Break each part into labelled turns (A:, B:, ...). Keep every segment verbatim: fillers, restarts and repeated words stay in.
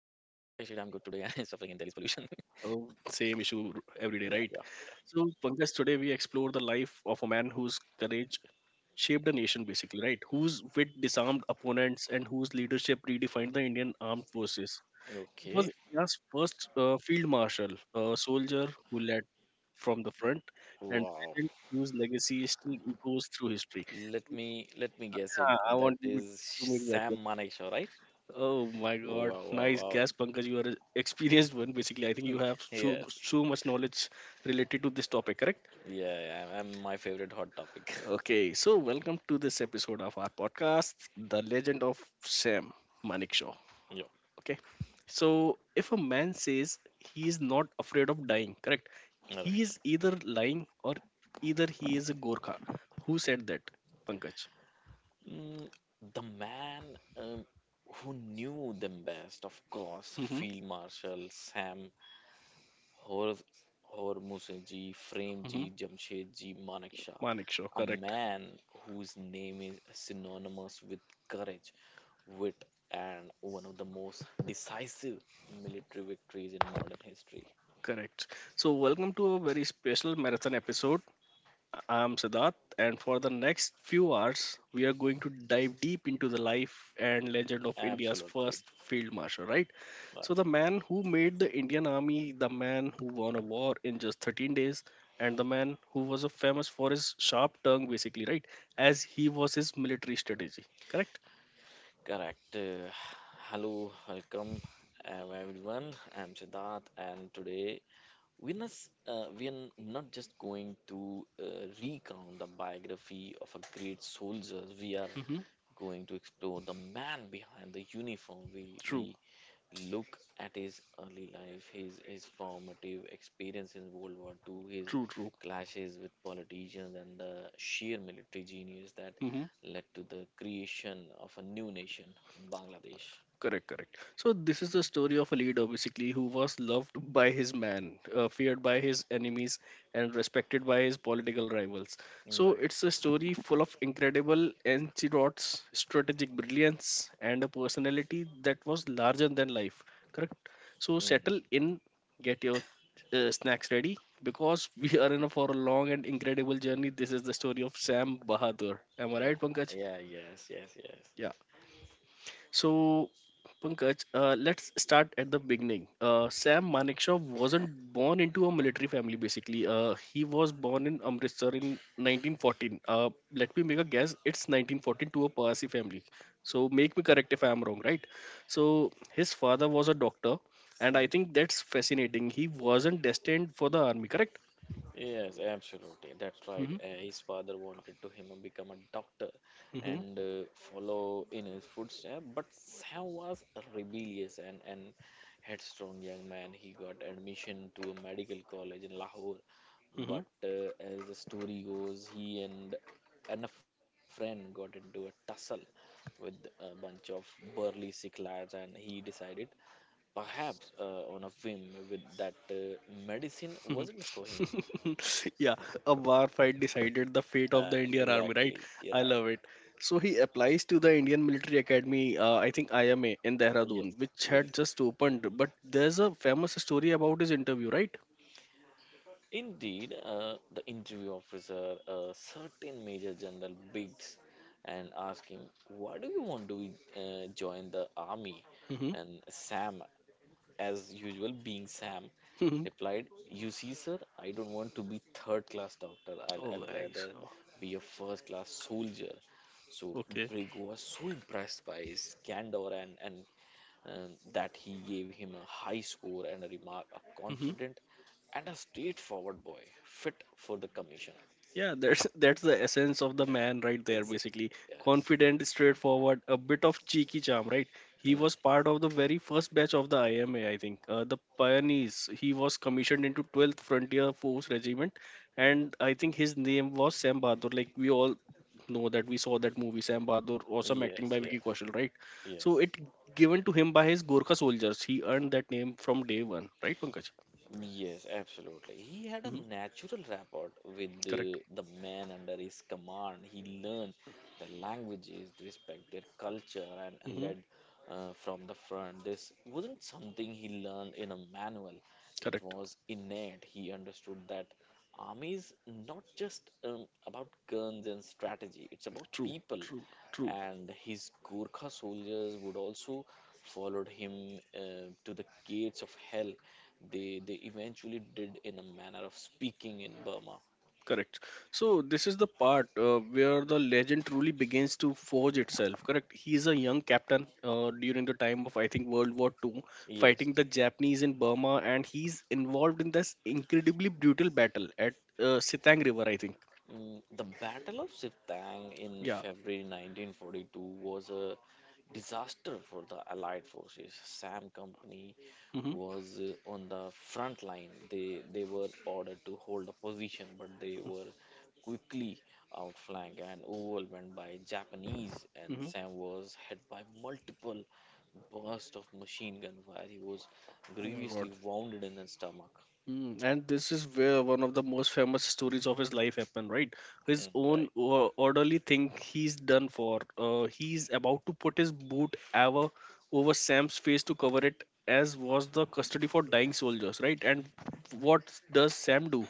A: in Delhi's pollution.
B: Oh, same issue every day, right?
A: Yeah.
B: So, Pankaj, today we explore the life of a man whose courage shaped a nation, basically, right? Whose wit disarmed opponents and whose leadership redefined the Indian armed forces. He
A: Okay.
B: was India's first uh, field marshal, a soldier who led from the front, and a
A: Wow.
B: legend whose legacy still echoes through history.
A: Let me let me guess it.
B: Yeah, I
A: That
B: want you
A: is
B: to make
A: Sam
B: that.
A: Manekshaw, right?
B: Oh my God!
A: Wow, wow,
B: Nice
A: wow.
B: guess, Pankaj. You are an experienced one. Basically, I think you have so
A: Yes.
B: so much knowledge related to this topic. Correct?
A: Yeah, yeah. I'm my favorite hot topic.
B: Okay. So, welcome to this episode of our podcast, The Legend of Sam Manekshaw.
A: Yeah.
B: Okay. So, if a man says he is not afraid of dying, correct?
A: All right.
B: He is either lying or either he is a Gorkha. Who said that, Pankaj?
A: Mm, the man um, who knew them best, of course,
B: Mm-hmm.
A: Field Marshal Sam Hor Hormuzji, Frame
B: Mm-hmm.
A: Ji, Jamshed Ji, Manekshaw.
B: Manekshaw.
A: A
B: Correct.
A: man whose name is synonymous with courage, wit, and one of the most decisive military victories in modern history.
B: Correct. So, welcome to a very special marathon episode. I'm Siddharth, and for the next few hours, we are going to dive deep into the life and legend of India's first
A: Absolutely,
B: field marshal, right? So,
A: right.
B: the man who made the Indian army, the man who won a war in just thirteen days, and the man who was a famous for his sharp tongue, basically, right? As he was his military strategy, correct?
A: Correct. Uh, hello, welcome, um, everyone. I'm Siddharth, and today we're not, s- uh, we're not just going to uh, recount the biography of a great soldier. We are
B: Hmm.
A: going to explore the man behind the uniform. We
B: True,
A: we look at his early life, his his formative experience in World War two, his
B: true, true.
A: clashes with politicians, and the sheer military genius that led to the creation of a new nation, Bangladesh.
B: Correct, correct. So this is the story of a leader basically who was loved by his man, uh, feared by his enemies, and respected by his political rivals. So
A: Right.
B: it's a story full of incredible anecdotes, strategic brilliance, and a personality that was larger than life. Correct. So
A: Mm.
B: settle in, get your uh, snacks ready because we are in a, for a long and incredible journey. This is the story of Sam Bahadur. Am I right,
A: Yeah.
B: Pankaj?
A: Yeah. Yes. Yes.
B: Yeah. So, Pankaj, uh, let's start at the beginning. Uh, Sam Manekshaw wasn't born into a military family, basically. Uh, he was born in Amritsar in nineteen fourteen. Uh, let me make a guess. It's nineteen fourteen to a Parsi family. So, make me correct if I'm wrong, right? So, his father was a doctor, and I
A: Yes.
B: think that's fascinating. He wasn't destined for the army, correct?
A: Yes, absolutely. That's right.
B: Mm-hmm,
A: Uh, his father wanted to him to become a doctor
B: mm-hmm.
A: and uh, follow in his footsteps, but Sam was a rebellious and, and headstrong young man. He got admission to a medical college in Lahore,
B: Mm-hmm.
A: but uh, as the story goes, he and and a friend got into a tussle with a bunch of burly sick lads, and he decided, perhaps uh, on a whim, with that uh, medicine wasn't for him.
B: Yeah, a bar fight decided the fate of
A: Uh,
B: the Indian Army, right?
A: exactly. You're
B: I love
A: right.
B: it. So he applies to the Indian Military Academy, uh, I think I M A in
A: Yes,
B: Dehradun, which had
A: yes.
B: just opened. But there's a famous story about his interview, right?
A: Indeed, uh, the interview officer, a certain Major General Biggs, and asked him, why do you want to uh, join the army? And Sam, as usual, being Sam,
B: Mm-hmm.
A: replied, you see, sir, I don't want to be third class doctor. I'll,
B: Oh,
A: I'll
B: I
A: rather
B: saw.
A: be a first class soldier. So
B: Okay.
A: Brig was so impressed by his candor and, and and that he gave him a high score and a remark, a confident and a straightforward boy fit for the commission.
B: Yeah, that's that's the essence of the
A: Yeah,
B: man right there basically.
A: exactly, yes.
B: Confident, straightforward, a bit of cheeky charm, right? He
A: Mm,
B: was part of the very first batch of the I M A, I think. Uh, the pioneers. He was commissioned into twelfth Frontier Force Regiment,
A: mm.
B: and I think his name was Sam Bahadur. Like we all know that we saw that movie Sam Bahadur, awesome acting
A: Yes,
B: by
A: yeah,
B: Vicky Kaushal, right? So
A: yes.
B: it given to him by his Gorkha soldiers. He earned that name from day one, right, Pankaj?
A: Yes, absolutely. He had a
B: Hmm.
A: natural rapport with
B: Correct.
A: the, the man under his command. He learned the languages, respect their culture, and, and
B: Hmm.
A: led uh, from the front. This wasn't something he learned in a manual, it
B: Correct.
A: was innate. He understood that army is not just um, about guns and strategy, it's about
B: True.
A: people.
B: True. True.
A: And his Gurkha soldiers would also followed him uh, to the gates of hell they they eventually did in a manner of speaking in Burma.
B: Correct. So this is the part uh, where the legend truly begins to forge itself. Correct. He is a young captain uh, during the time of I think World War Two,
A: Yes.
B: fighting the Japanese in Burma, and he's involved in this incredibly brutal battle at uh, Sitang River. I think.
A: Mm, The Battle of Siptang in
B: Yeah.
A: February nineteen forty-two was a disaster for the Allied forces. SAM Company
B: Mm-hmm.
A: was uh, on the front line. They they were ordered to hold a position, but they were quickly outflanked and overwhelmed by Japanese. And
B: Mm-hmm.
A: Sam was hit by multiple bursts of machine gun fire. He was grievously wounded in the stomach.
B: Mm, and this is where one of the most famous stories of his life happened, right? His
A: Mm, right.
B: own o- orderly thing he's done for. Uh, he's about to put his boot ever over Sam's face to cover it, as was the custody for dying soldiers, right? And what does Sam do?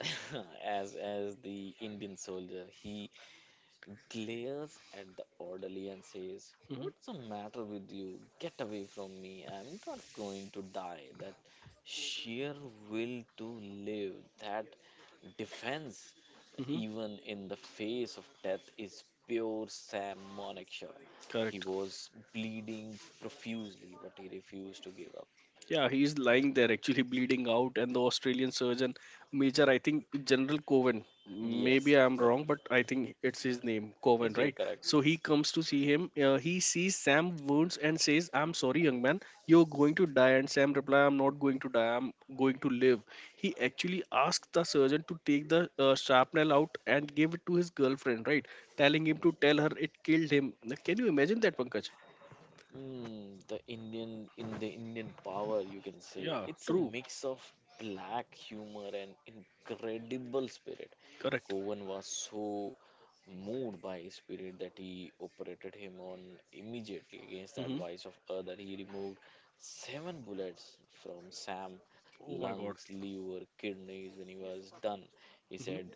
A: as as the Indian soldier, he glares at the orderly and says,
B: Hmm.
A: "What's the matter with you? Get away from me! I'm not going to die." That sheer will to live, that defense,
B: Hmm.
A: even in the face of death, is pure Sam Monexhaw. He
B: Correct.
A: was bleeding profusely, but he refused to give up.
B: Yeah, he's lying there, actually bleeding out, and the Australian surgeon major, I think General Coven.
A: Yes,
B: Maybe I'm
A: yeah,
B: wrong, but I think it's his name, Coven,
A: yes, you're
B: right?
A: correct.
B: So he comes to see him. Uh, he sees Sam wounds and says, "I'm sorry, young man, you're going to die." And Sam replies, "I'm not going to die. I'm going to live." He actually asks the surgeon to take the uh, shrapnel out and give it to his girlfriend, right? Telling him to tell her it killed him. Can you imagine that, Pankaj?
A: Mm, the Indian in the Indian power, you can say
B: Yeah,
A: it's a
B: true,
A: mix of black humor and incredible spirit.
B: correct.
A: Govan was so moved by his spirit that he operated him on immediately against the
B: Hmm.
A: advice of other. He removed seven bullets from Sam
B: Oh my God.
A: lungs, liver, kidneys when he was done. He said,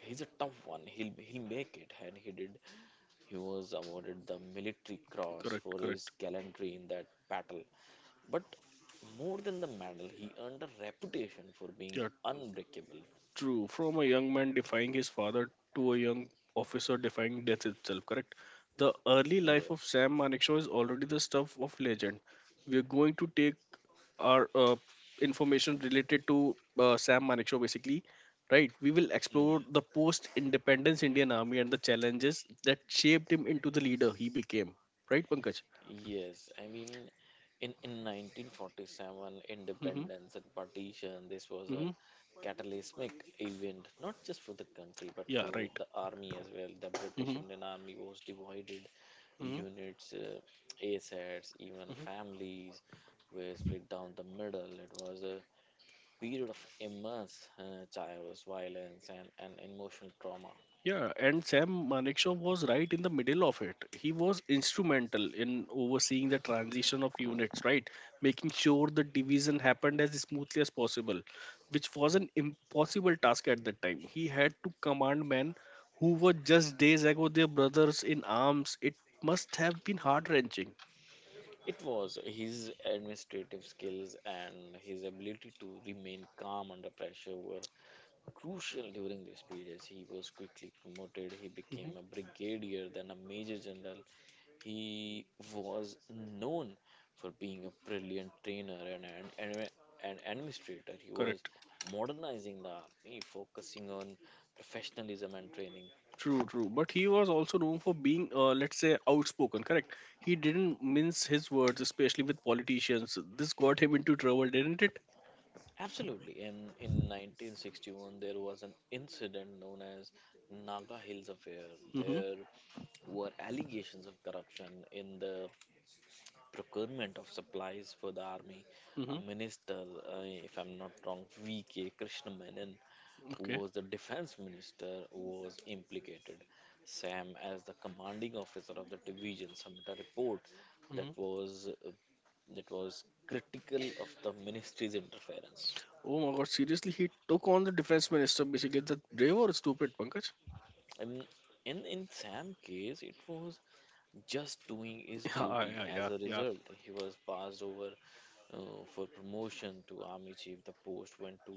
A: "He's a tough one. He'll he'll make it," and he did. He was awarded the Military Cross
B: Correct,
A: for his
B: correct.
A: gallantry in that battle. But more than the medal, he earned a reputation for being
B: Yeah,
A: unbreakable.
B: true. From a young man defying his father to a young officer defying death itself, correct? The early life of
A: Yes.
B: Sam Manekshaw is already the stuff of legend. We are going to take our uh, information related to uh, Sam Manekshaw basically, right? We will explore the post independence Indian Army and the challenges that shaped him into the leader he became, right, Pankaj?
A: Yes, I mean, in, in nineteen forty-seven,
B: Mm-hmm,
A: independence and partition, this was
B: mm-hmm.
A: a catalytic event, not just for the country, but
B: Yeah,
A: for
B: right.
A: the army as well. The British
B: Mm-hmm,
A: Indian Army was divided,
B: mm-hmm.
A: units, uh, assets, even families were split down the middle. It was a period of immense uh, chaos, violence, and, and emotional trauma.
B: Yeah, and Sam Manekshaw was right in the middle of it. He was instrumental in overseeing the transition of units, right? Making sure the division happened as smoothly as possible, which was an impossible task at that time. He had to command men who were just days ago their brothers in arms. It must have been heart wrenching.
A: It was his administrative skills and his ability to remain calm under pressure were crucial during these periods. He was quickly promoted, he
B: Hmm.
A: became a brigadier, then a major general. He was known for being a brilliant trainer and an, an, an administrator. He was
B: Correct.
A: modernizing the army, focusing on professionalism and training.
B: True, true. But he was also known for being, uh, let's say, outspoken, correct? He didn't mince his words, especially with politicians. This got him into trouble, didn't it?
A: Absolutely. And in nineteen sixty-one, there was an incident known as Naga Hills Affair.
B: Mm-hmm.
A: There were allegations of corruption in the procurement of supplies for the army.
B: Mm-hmm.
A: A minister, uh, if I'm not wrong, V K. Krishnamanan, who
B: Okay.
A: was the defense minister, was implicated. Sam, as the commanding officer of the division, submitted a report that
B: Mm-hmm.
A: was that was critical of the ministry's interference.
B: Oh my God! Seriously, he took on the defense minister. Basically, that brave or stupid, Pankaj?
A: And in, in Sam's case, it was just doing his
B: Yeah,
A: duty.
B: yeah, yeah,
A: As a
B: yeah.
A: result, he was passed over uh, for promotion to army chief. The post went to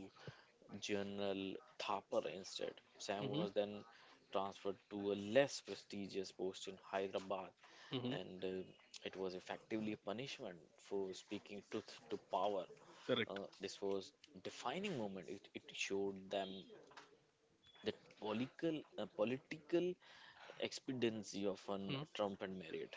A: General Thapar instead. Sam
B: Mm-hmm.
A: was then transferred to a less prestigious post in Hyderabad,
B: Mm-hmm.
A: and uh, it was effectively a punishment for speaking truth to power.
B: Correct.
A: Uh, this was defining moment. It, it showed them that political uh, political expediency of an
B: Mm-hmm.
A: Trump and Marriott.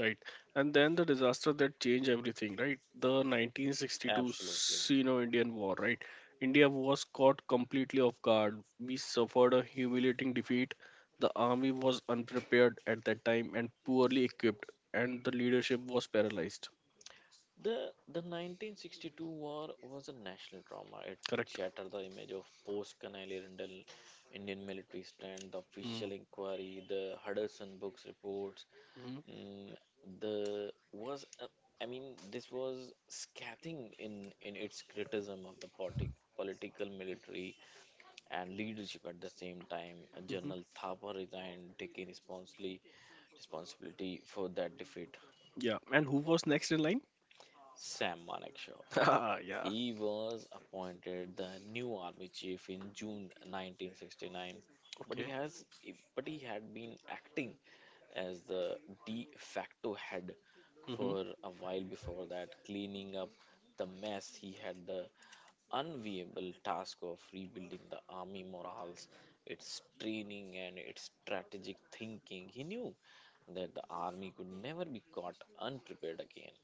B: Right. And then the disaster that changed everything, right? The nineteen sixty-two
A: Absolutely.
B: Sino-Indian War, right? India was caught completely off guard. We suffered a humiliating defeat. The army was unprepared at that time and poorly equipped, and the leadership was paralyzed.
A: The the nineteen sixty-two war was a national trauma. It, it
B: Correct.
A: shattered the image of post Canale Rindle Indian military stand, the
B: Mm.
A: official inquiry, the Hudson Books reports. Mm, the was uh, I mean this was scathing in in its criticism of the politi- political, military, and leadership at the same time.
B: Mm-hmm.
A: General Thapar resigned, taking responsibly responsibility for that defeat,
B: Yeah. And who was next in line?
A: Sam Manekshaw.
B: Ah, yeah.
A: He was appointed the new army chief in June nineteen sixty-nine, but he
B: Okay.
A: has but he had been acting as the de facto head
B: Hmm, hmm.
A: for a while before that, cleaning up the mess. He had the unviable task of rebuilding the army morals, its training and its strategic thinking. He knew that the army could never be caught unprepared again.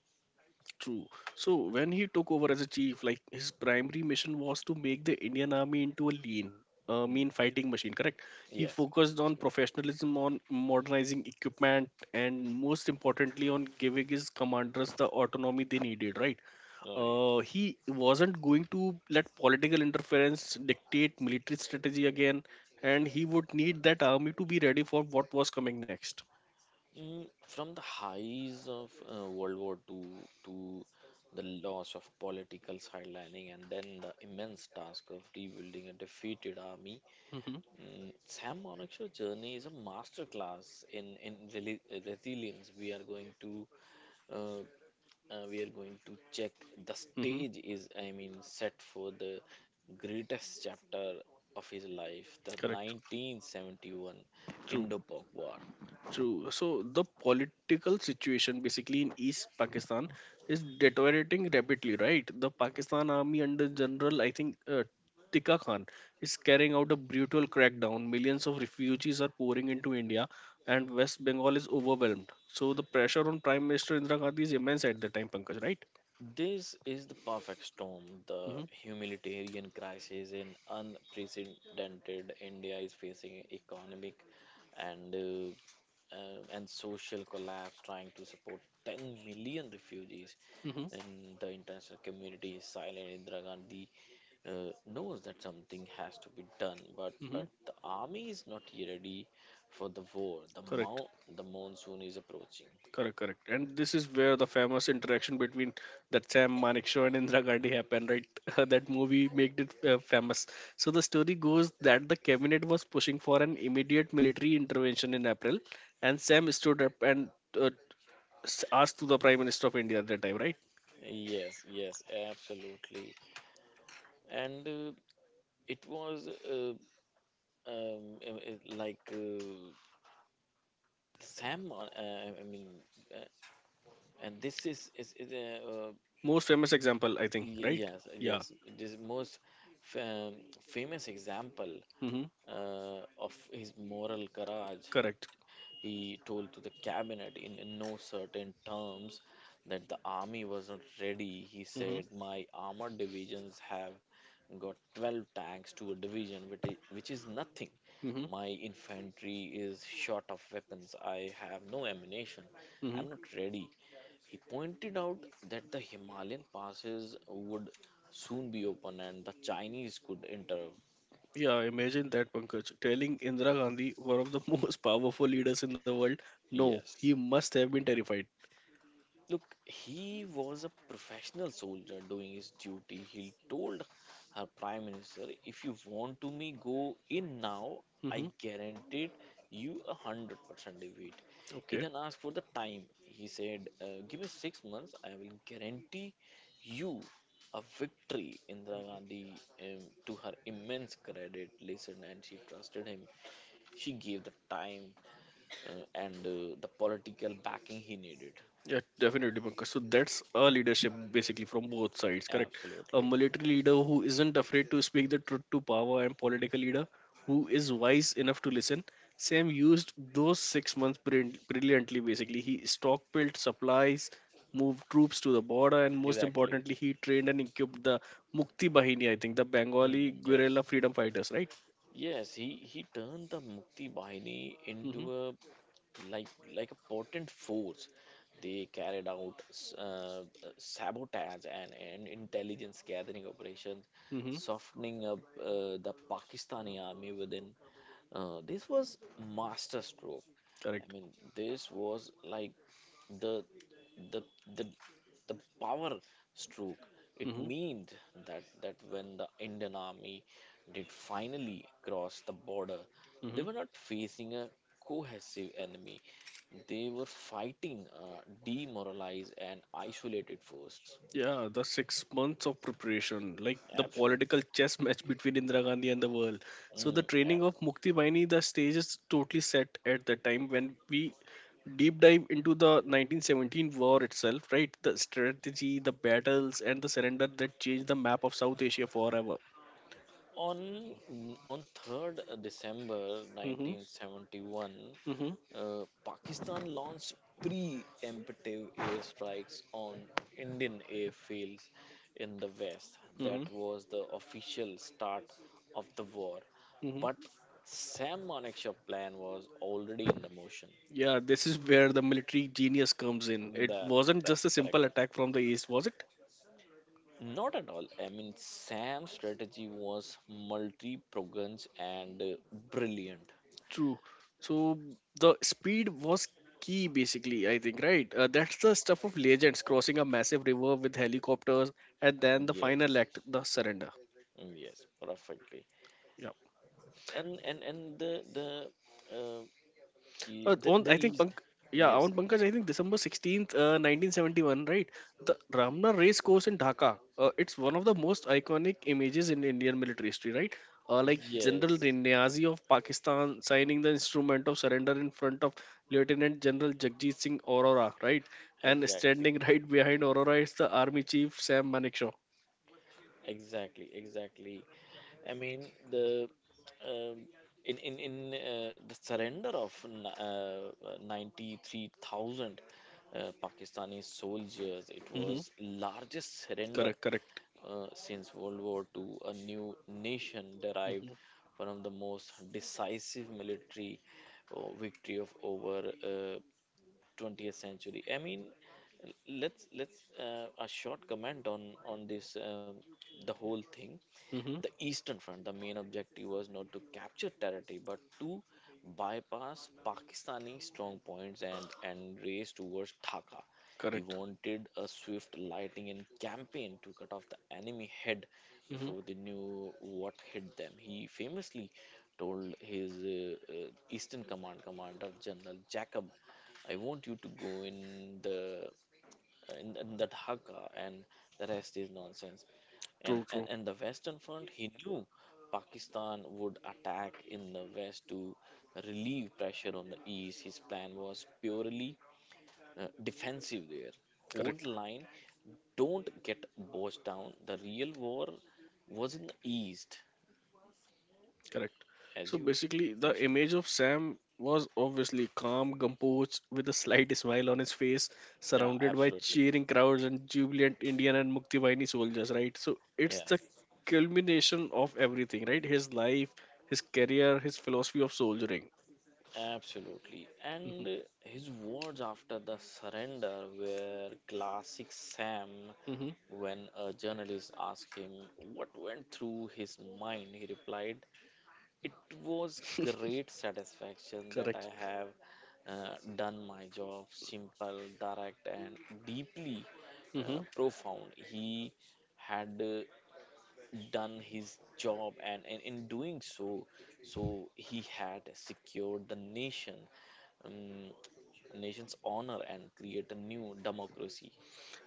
B: True. So when he took over as a chief, like his primary mission was to make the Indian army into a lean, uh,
A: Hmm.
B: mean fighting machine. Correct. He
A: Yes,
B: focused on
A: absolutely.
B: professionalism, on modernizing equipment, and most importantly, on giving his commanders the autonomy they needed. Right.
A: Right.
B: Uh, he wasn't going to let political interference dictate military strategy again, and he would need that army to be ready for what was coming next.
A: Mm, from the highs of uh, World War Two to the loss of political sidelining and then the immense task of rebuilding a defeated army,
B: Hmm.
A: mm, Sam Monakshaw's journey is a masterclass in in reli- resilience. We are going to uh, uh, we are going to check the stage is I mean set for the greatest chapter of his life, the
B: Correct.
A: nineteen seventy-one
B: True.
A: Indo-Pak War.
B: True. So the political situation basically in East Pakistan is deteriorating rapidly, right? The Pakistan army under General, I think, uh, Tikka Khan is carrying out a brutal crackdown. Millions of refugees are pouring into India, and West Bengal is overwhelmed. So the pressure on Prime Minister Indira Gandhi is immense at the time, Pankaj, right?
A: This is the perfect storm. The
B: Mm-hmm.
A: humanitarian crisis in unprecedented India is facing economic and uh, uh, and social collapse, trying to support ten million refugees.
B: Mm-hmm.
A: And the international community is silent. Indira Gandhi uh, knows that something has to be done, but
B: Mm-hmm.
A: but the army is not yet ready for the war. The
B: Correct.
A: mo- the monsoon is approaching.
B: Correct, correct. And this is where the famous interaction between that Sam Manekshaw and Indira Gandhi happened, right? That movie made it uh, famous. So the story goes that the cabinet was pushing for an immediate military intervention in April, and Sam stood up and uh, s- asked to the Prime Minister of India at that time, right?
A: Yes, yes, absolutely. And uh, it was uh, um, uh, uh, like uh, Sam. on- Uh, I mean, uh, and this is is, is uh, uh,
B: Most famous example, I think,
A: y-
B: right?
A: yes,
B: Yeah.
A: yes. This most f- um, famous example
B: Mm-hmm.
A: uh, of his moral courage.
B: Correct.
A: He told to the cabinet in, in no certain terms that the army was not ready. He
B: Mm-hmm.
A: said, my armored divisions have got twelve tanks to a division, which is, which is nothing.
B: Mm-hmm.
A: My infantry is short of weapons. I have no ammunition.
B: Mm-hmm.
A: I'm not ready. He pointed out that the Himalayan passes would soon be open and the Chinese could enter.
B: Yeah, imagine that, Pankaj. Telling Indira Gandhi, one of the most powerful leaders in the world, no,
A: Yes.
B: he must have been terrified.
A: Look, he was a professional soldier doing his duty. He told her prime minister, "If you want to me go in now, I
B: Mm-hmm.
A: guaranteed you a hundred percent defeat." He
B: Okay.
A: then asked for the time. He said, uh, "Give me six months. I will guarantee you a victory." Indira Gandhi, um, to her immense credit, listened and she trusted him. She gave the time uh, and uh, the political backing he needed.
B: Yeah, definitely, Pankaj. So that's a leadership basically from both sides, correct? A
A: Absolutely.
B: military leader who isn't afraid to speak the truth to power and political leader who is wise enough to listen. Sam used those six months brill- brilliantly, basically. He stockpiled supplies, moved troops to the border, and most
A: Exactly.
B: importantly, he trained and equipped the Mukti Bahini, I think, the
A: Mm,
B: Bengali
A: yes.
B: guerrilla freedom fighters, right?
A: Yes, he, he turned the Mukti Bahini into
B: Mm-hmm.
A: a like like a potent force. They carried out s- uh, uh, sabotage and, and intelligence gathering operations,
B: Mm-hmm.
A: softening up uh, the Pakistani army within. Uh, this was masterstroke. I
B: Correct.
A: mean, this was like the the the the power stroke. It
B: Mm-hmm.
A: meant that that when the Indian army did finally cross the border,
B: Hmm.
A: they were not facing a cohesive enemy. They were fighting a demoralized and isolated force.
B: Yeah, the six months of preparation, like the
A: Absolutely.
B: political chess match between Indira Gandhi and the world. So the
A: Mm, yeah.
B: training of Mukti Baini, the stage is totally set at the time when we deep dive into the nineteen seventeen war itself, right? The strategy, the battles, and the surrender that changed the map of South Asia forever.
A: On on third of December
B: Mm-hmm,
A: nineteen seventy-one,
B: mm-hmm,
A: Uh, Pakistan launched preemptive airstrikes on Indian airfields in the West.
B: mm-hmm,
A: That was the official start of the war.
B: mm-hmm.
A: But Sam Manekshaw plan was already in the motion.
B: Yeah, this is where the military genius comes in. It
A: That's
B: wasn't just
A: that's
B: a simple
A: correct.
B: attack from the east, was it?
A: Not at all. I mean, Sam's strategy was multi-pronged and uh, brilliant.
B: True. So the speed was key, basically, I think, right? Uh, that's the stuff of legends crossing a massive river with helicopters, and then the final
A: Yes,
B: act, the surrender.
A: yes, perfectly. And and and the the uh, Y-
B: Uh,
A: The,
B: on
A: the
B: I think
A: eas
B: Pank, yeah,
A: Yes,
B: on Pankaj, I think December sixteenth, uh, nineteen seventy-one, right? The Ramna race course in Dhaka. Uh, it's one of the most iconic images in Indian military history, right? Uh, like General
A: yes,
B: Niazi of Pakistan signing the instrument of surrender in front of Lieutenant General Jagjit Singh Aurora, right? And
A: exactly,
B: standing right behind Aurora is the Army Chief Sam Manekshaw.
A: exactly, exactly. I mean the um, in in in uh, the surrender of n- uh, ninety three thousand uh, Pakistani soldiers. It
B: Hmm.
A: was largest surrender
B: Correct, correct.
A: uh, since World War two. A new nation derived
B: Hmm.
A: from the most decisive military uh, victory of over uh, twentieth century. I mean, let's let's uh, a short comment on on this um, the whole thing.
B: Hmm.
A: The eastern front, the main objective was not to capture territory but to bypass pakistani strong points and and race towards dhaka. He
B: Correct.
A: wanted a swift lighting and campaign to cut off the enemy head
B: Hmm.
A: before they knew what hit them. He famously told his uh, uh, eastern command commander general jacob, I want you to go in the uh, in, in the Dhaka and the rest is nonsense. And,
B: True,
A: and
B: true.
A: and the Western Front, he knew Pakistan would attack in the west to relieve pressure on the east. His plan was purely uh, defensive there. Hold
B: Correct.
A: the line, don't get bogged down. The real war was in the east,
B: Correct.
A: as
B: So
A: you
B: basically, the
A: mentioned.
B: image of Sam was obviously calm, composed, with a slight smile on his face,
A: Yeah,
B: surrounded by
A: absolutely.
B: cheering crowds and jubilant Indian and Muktibaini soldiers, right? So it's the
A: Yes,
B: culmination of everything, right? His life, his career, his philosophy of soldiering.
A: absolutely. And
B: Hmm.
A: uh, his words after the surrender were classic Sam.
B: Hmm.
A: When a journalist asked him what went through his mind, he replied, it was great satisfaction that I
B: Correct.
A: have uh, done my job, simple, direct, and deeply uh,
B: Mm-hmm.
A: profound. He had uh, done his job, and, and in doing so, so he had secured the nation, um, nation's honor, and create a new democracy.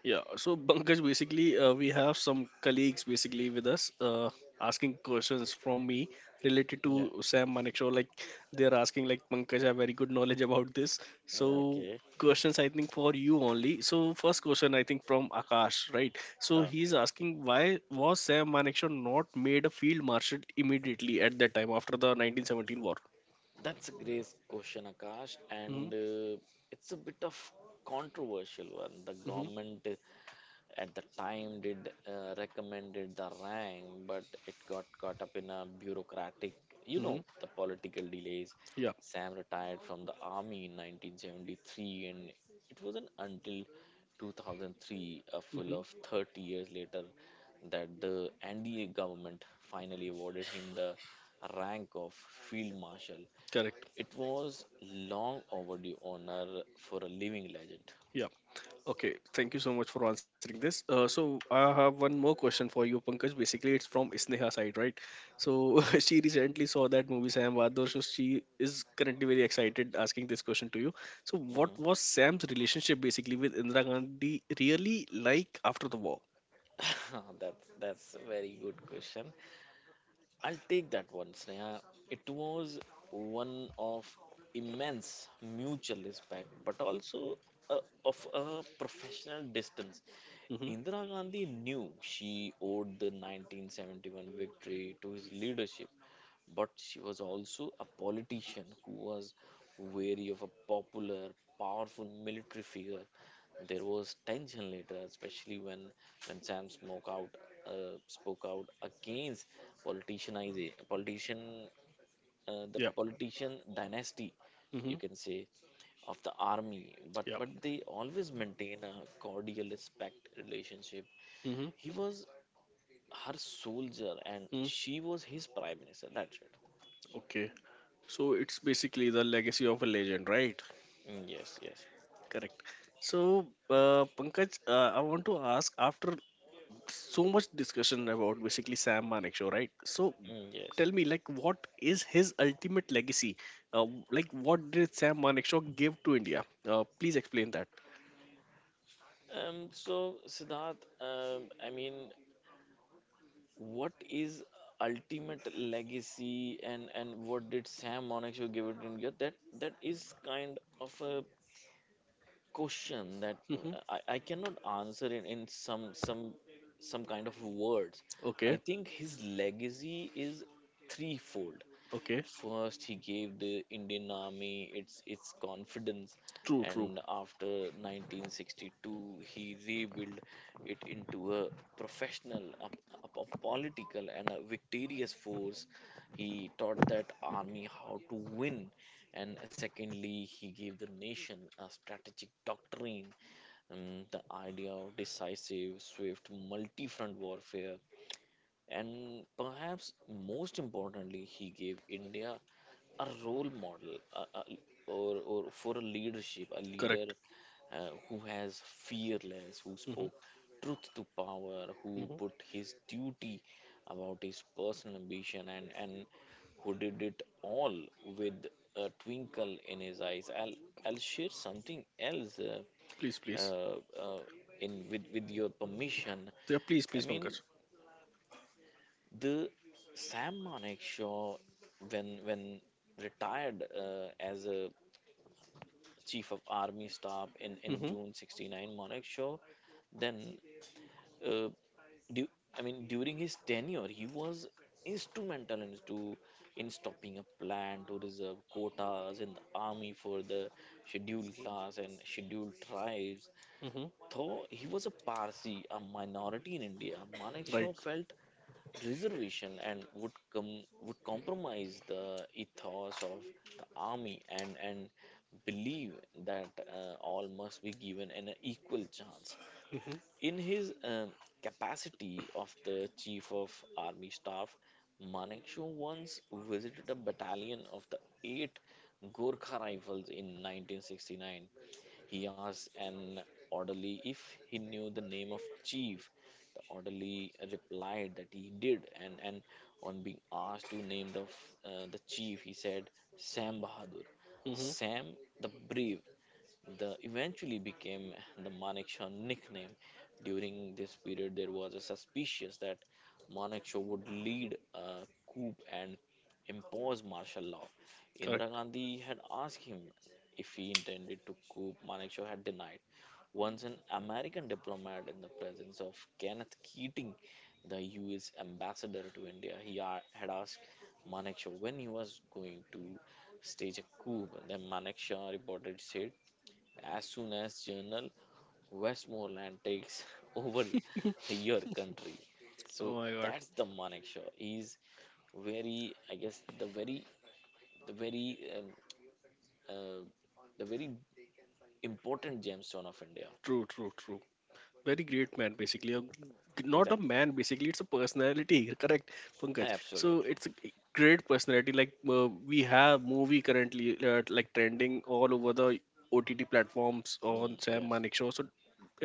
B: Yeah, so Pankaj, basically, uh, we have some colleagues basically with us uh, asking questions from me related to
A: Yeah.
B: Sam Manekshaw. Like they're asking, like Pankaj, I have very good knowledge about this. So
A: Okay.
B: questions, I think, for you only. So first question, I think, from Akash, right? So he's asking, why was Sam Manekshaw not made a field marshal immediately at that time after the nineteen seventeen war?
A: That's a great question, Akash,
B: Mm-hmm,
A: and uh, it's a bit of controversial one. The
B: mm-hmm,
A: government uh, at the time did uh, recommended the rank, but it got caught up in a bureaucratic, you
B: mm-hmm,
A: know, the political delays.
B: yeah,
A: Sam retired from the army in nineteen seventy-three, and it wasn't until two thousand three, a full
B: mm-hmm,
A: of thirty years later, that the N D A government finally awarded him the rank of field marshal.
B: correct.
A: It was long overdue honor for a living legend.
B: Yeah, okay, thank you so much for answering this. Uh, so I have one more question for you, Pankaj. Basically, it's from Sneha side, right? So she recently saw that movie Sam Bahadur, so she is currently very excited asking this question to you. So what was
A: Mhm.
B: Sam's relationship basically with Indira Gandhi really like after the war?
A: that's that's a very good question. I'll take that one, Sneha. It was one of immense mutual respect, but also uh, of a professional distance.
B: Mm-hmm.
A: Indira Gandhi knew she owed the nineteen seventy-one victory to his leadership, but she was also a politician who was wary of a popular, powerful military figure. There was tension later, especially when when Sam spoke out, uh, spoke out against politicianize politician, uh, the
B: Yep.
A: politician dynasty,
B: Mm-hmm.
A: you can say, of the army. But
B: Yep.
A: but they always maintain a cordial respect relationship.
B: Mm-hmm.
A: He was her soldier, and
B: Mm.
A: she was his prime minister. That's it.
B: Okay. So it's basically the legacy of a legend, right?
A: Mm, yes, yes.
B: Correct. So, uh, Pankaj, uh, I want to ask after so much discussion about basically Sam Manekshaw, right? So
A: Mm, yes.
B: tell me, like, what is his ultimate legacy? Uh, like, what did Sam Manekshaw give to India? Uh, please explain that.
A: Um, so, Siddharth, um, I mean, what is ultimate legacy and, and what did Sam Monaco give it in India? That that is kind of a question that
B: Hmm.
A: uh, I, I cannot answer in, in some some some kind of words.
B: Okay,
A: I think his legacy is threefold.
B: okay,
A: First, he gave the Indian Army its its confidence,
B: true, true,
A: and after nineteen sixty-two, he rebuilt it into a professional, a, a, a political, and a victorious force. He taught that army how to win, and secondly, he gave the nation a strategic doctrine, um, the idea of decisive, swift, multi front warfare, and perhaps most importantly, he gave India a role model, a, a, or, or for a leadership, a leader
B: correct.
A: uh, who has fearless, who
B: Hmm.
A: spoke truth to power, who put
B: Hmm.
A: his duty about his personal ambition, and, and who did it all with a twinkle in his eyes. I'll, I'll share something else uh,
B: Please, please,
A: uh, uh, in with, with your permission.
B: yeah, please,
A: I
B: please,
A: mean,
B: Pankaj.
A: the Sam Manekshaw, when when retired uh, as a chief of army staff in, in
B: Hmm.
A: June sixty-nine, Manekshaw, then uh, du- I mean during his tenure, he was instrumental in, to, in stopping a plan to reserve quotas in the army for the scheduled class and scheduled tribes.
B: Hmm.
A: Though he was a Parsi, a minority in India,
B: Right.
A: Manekshaw felt reservation and would com- would compromise the ethos of the army and and believe that uh, all must be given an equal chance
B: Hmm.
A: in his um, capacity of the chief of army staff. Manekshaw once visited a battalion of the eight gorkha rifles in nineteen sixty-nine. He asked an orderly if he knew the name of chief. The orderly replied that he did, and, and on being asked to name the, f- uh, the chief, he said Sam Bahadur,
B: Hmm.
A: Sam the Brave. The eventually became the Manekshaw nickname. During this period, there was a suspicion that Manekshaw would lead a coup and impose martial law. Indira
B: Correct.
A: Gandhi had asked him if he intended to coup. Manekshaw had denied. Once an American diplomat in the presence of Kenneth Keating, the U S ambassador to India, he a- had asked Manekshaw when he was going to stage a coup. Then Manekshaw reported, as soon as Journal Westmoreland takes over your country.
B: Oh
A: So
B: my God.
A: that's the Manek Shaw. He's very, I guess, the very, the very, um, uh, the very important gemstone of India.
B: True, true, true. Very great man, basically. A, not a
A: Exactly.
B: man, basically. It's a personality, correct, Pankaj? So
A: Absolutely.
B: it's a g- great personality. Like uh, we have movie currently uh, like trending all over the O T T platforms on
A: Mm,
B: Sam
A: yes.
B: Manik show. So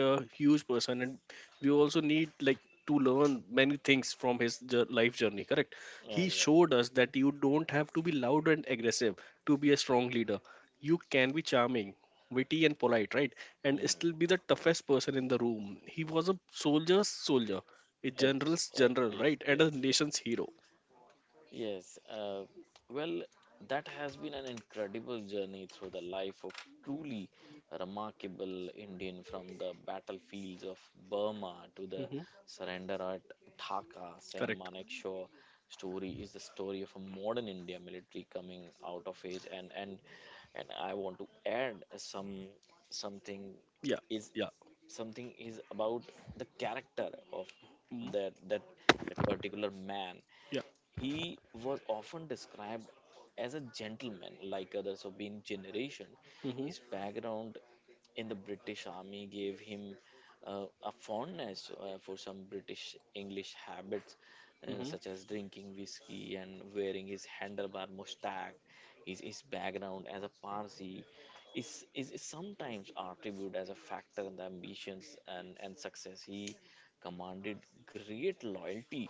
B: a huge person, and we also need like to learn many things from his jour- life journey. Correct?
A: Yeah,
B: He
A: exactly.
B: showed us that you don't have to be loud and aggressive to be a strong leader. You can be charming, witty, and polite, right? And
A: Mm,
B: still be the toughest person in the room. He was a soldier's soldier, a
A: ex-
B: general's
A: eh,
B: general,
A: yes.
B: right, and
A: Yes.
B: a
A: Yes.
B: nation's hero.
A: Yes, uh, well, that has been an incredible journey through the life of truly remarkable Indian, from the battlefields of Burma to the
B: Hmm.
A: surrender at Dhaka. Sam
B: Correct.
A: Manekshaw story is the story of a modern India military coming out of age, and and and I want to add some something
B: Yeah.
A: is
B: Yeah.
A: something is about the character of
B: Hmm.
A: that that that particular man.
B: Yeah.
A: He was often described as a gentleman like others of his generation.
B: Hmm.
A: His background in the British Army gave him uh, a fondness uh, for some British English habits, uh, such
B: Hmm.
A: as drinking whiskey and wearing his handlebar mustache. His, his background as a Parsi is, is, is sometimes attributed as a factor in the ambitions, and, and success. He commanded great loyalty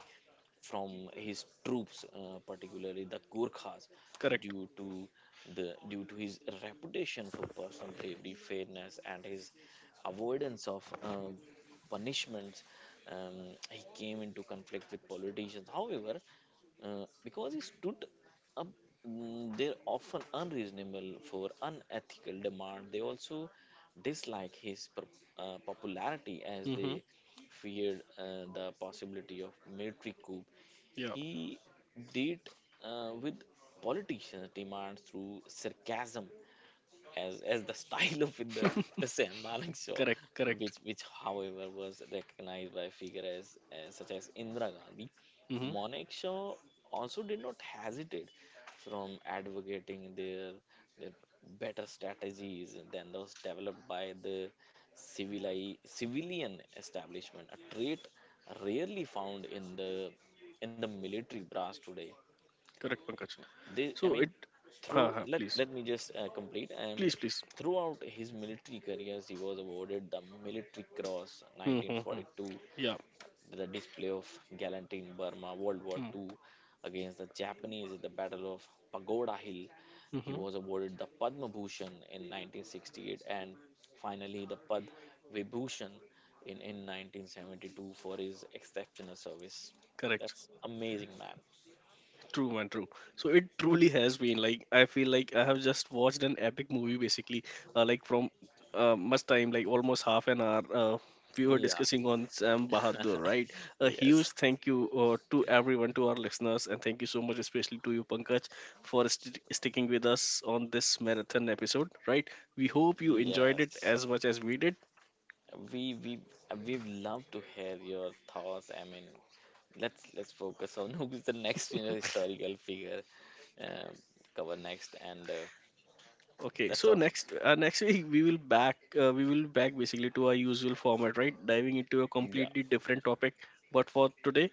A: from his troops, uh, particularly the Gurkhas,
B: Correct.
A: due to the due to his reputation for personal bravery, fairness, and his avoidance of um, punishments. Um, he came into conflict with politicians. However, uh, because he stood up, mm, they often unreasonable for unethical demand, they also dislike his pro- uh, popularity as
B: Hmm.
A: they feared uh, the possibility of military coup.
B: Yeah.
A: He did uh, with politicians' demands through sarcasm as as the style of the the Sam Malang show,
B: correct. Correct.
A: which which however was recognized by figures as, as such as Indira Gandhi.
B: Hmm.
A: Monik Shaw also did not hesitate from advocating their their better strategies than those developed by the civili- civilian establishment, a trait rarely found in the in the military brass today.
B: Correct, Pankaj.
A: They,
B: So
A: I mean,
B: it. Ha
A: through
B: ha.
A: let,
B: Please.
A: let me just uh, complete.
B: Please.
A: And
B: Please.
A: throughout his military careers, he was awarded the Military Cross
B: Hmm, hmm, hmm.
A: nineteen forty-two,
B: Yeah.
A: the display of gallantry in Burma, World War
B: Mm-hmm.
A: Two against the Japanese at the Battle of Pagoda Hill. He
B: Mm-hmm.
A: was awarded the Padma Bhushan in nineteen sixty-eight and finally the Pad Vibhushan in, in nineteen seventy-two for his exceptional service.
B: Correct.
A: That's amazing, man.
B: True, man, true. So it truly has been like I feel like I have just watched an epic movie basically, uh, like from uh, much time, like almost half an hour. Uh, we were
A: Yeah.
B: discussing on Sam Bahadur, right? A huge
A: yes.
B: thank you uh, to everyone, to our listeners, and thank you so much, especially to you, Pankaj, for st- sticking with us on this marathon episode, right? We hope you enjoyed
A: Yes,
B: it as much as we did.
A: we we we love to hear your thoughts. I mean, let's let's focus on who is the next, you know, historical figure uh, cover next, and uh,
B: Okay,
A: that's
B: so
A: awesome.
B: next uh, next week we will back uh, we will back basically to our usual format, right? Diving into a
A: Yeah,
B: completely different topic. But for today,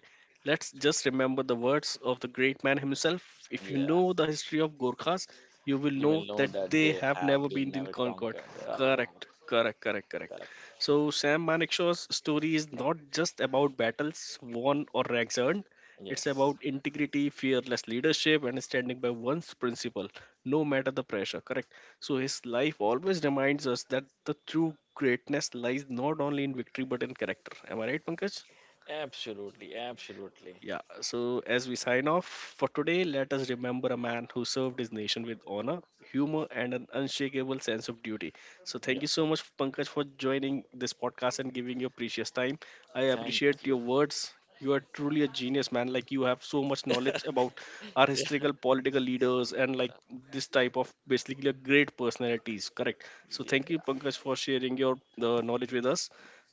B: let's just remember the words of the great man himself. If you
A: yeah,
B: know the history of Gorkhas, you will
A: you
B: know
A: will know
B: that
A: that
B: they
A: they
B: have
A: have
B: never
A: been
B: been in
A: never
B: Concord.
A: conquered. Oh, wow,
B: Correct, correct, correct, correct.
A: correct.
B: So Sam Manekshaw's story is not just about battles won or ranks earned. It's
A: Yes,
B: about integrity, fearless leadership, and standing by one's principle, no matter the pressure. Correct. So his life always reminds us that the true greatness lies not only in victory but in character. Am I right, Pankaj?
A: absolutely, absolutely.
B: Yeah, so as we sign off for today, let us remember a man who served his nation with honor, humor, and an unshakable sense of duty. So, thank
A: Yeah,
B: you so much, Pankaj, for joining this podcast and giving your precious time. I
A: thank
B: appreciate your
A: you.
B: words. You are truly a genius, man. Like, you have so much knowledge about our
A: yeah,
B: historical political leaders and, like,
A: yeah,
B: this type of basically a great personalities. Correct. So,
A: yeah.
B: thank you, Pankaj, for sharing your uh, knowledge with us.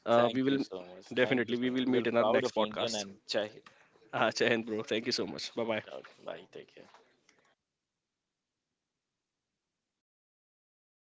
B: Uh, we
A: Thank
B: will
A: you so much. Thank you
B: definitely we
A: so
B: will
A: much. We're
B: meet in our
A: proud of
B: next
A: Indian
B: podcast.
A: and Chai.
B: Ah, Chayan, bro. Thank you so much. Bye bye.
A: Okay, bye. Take care.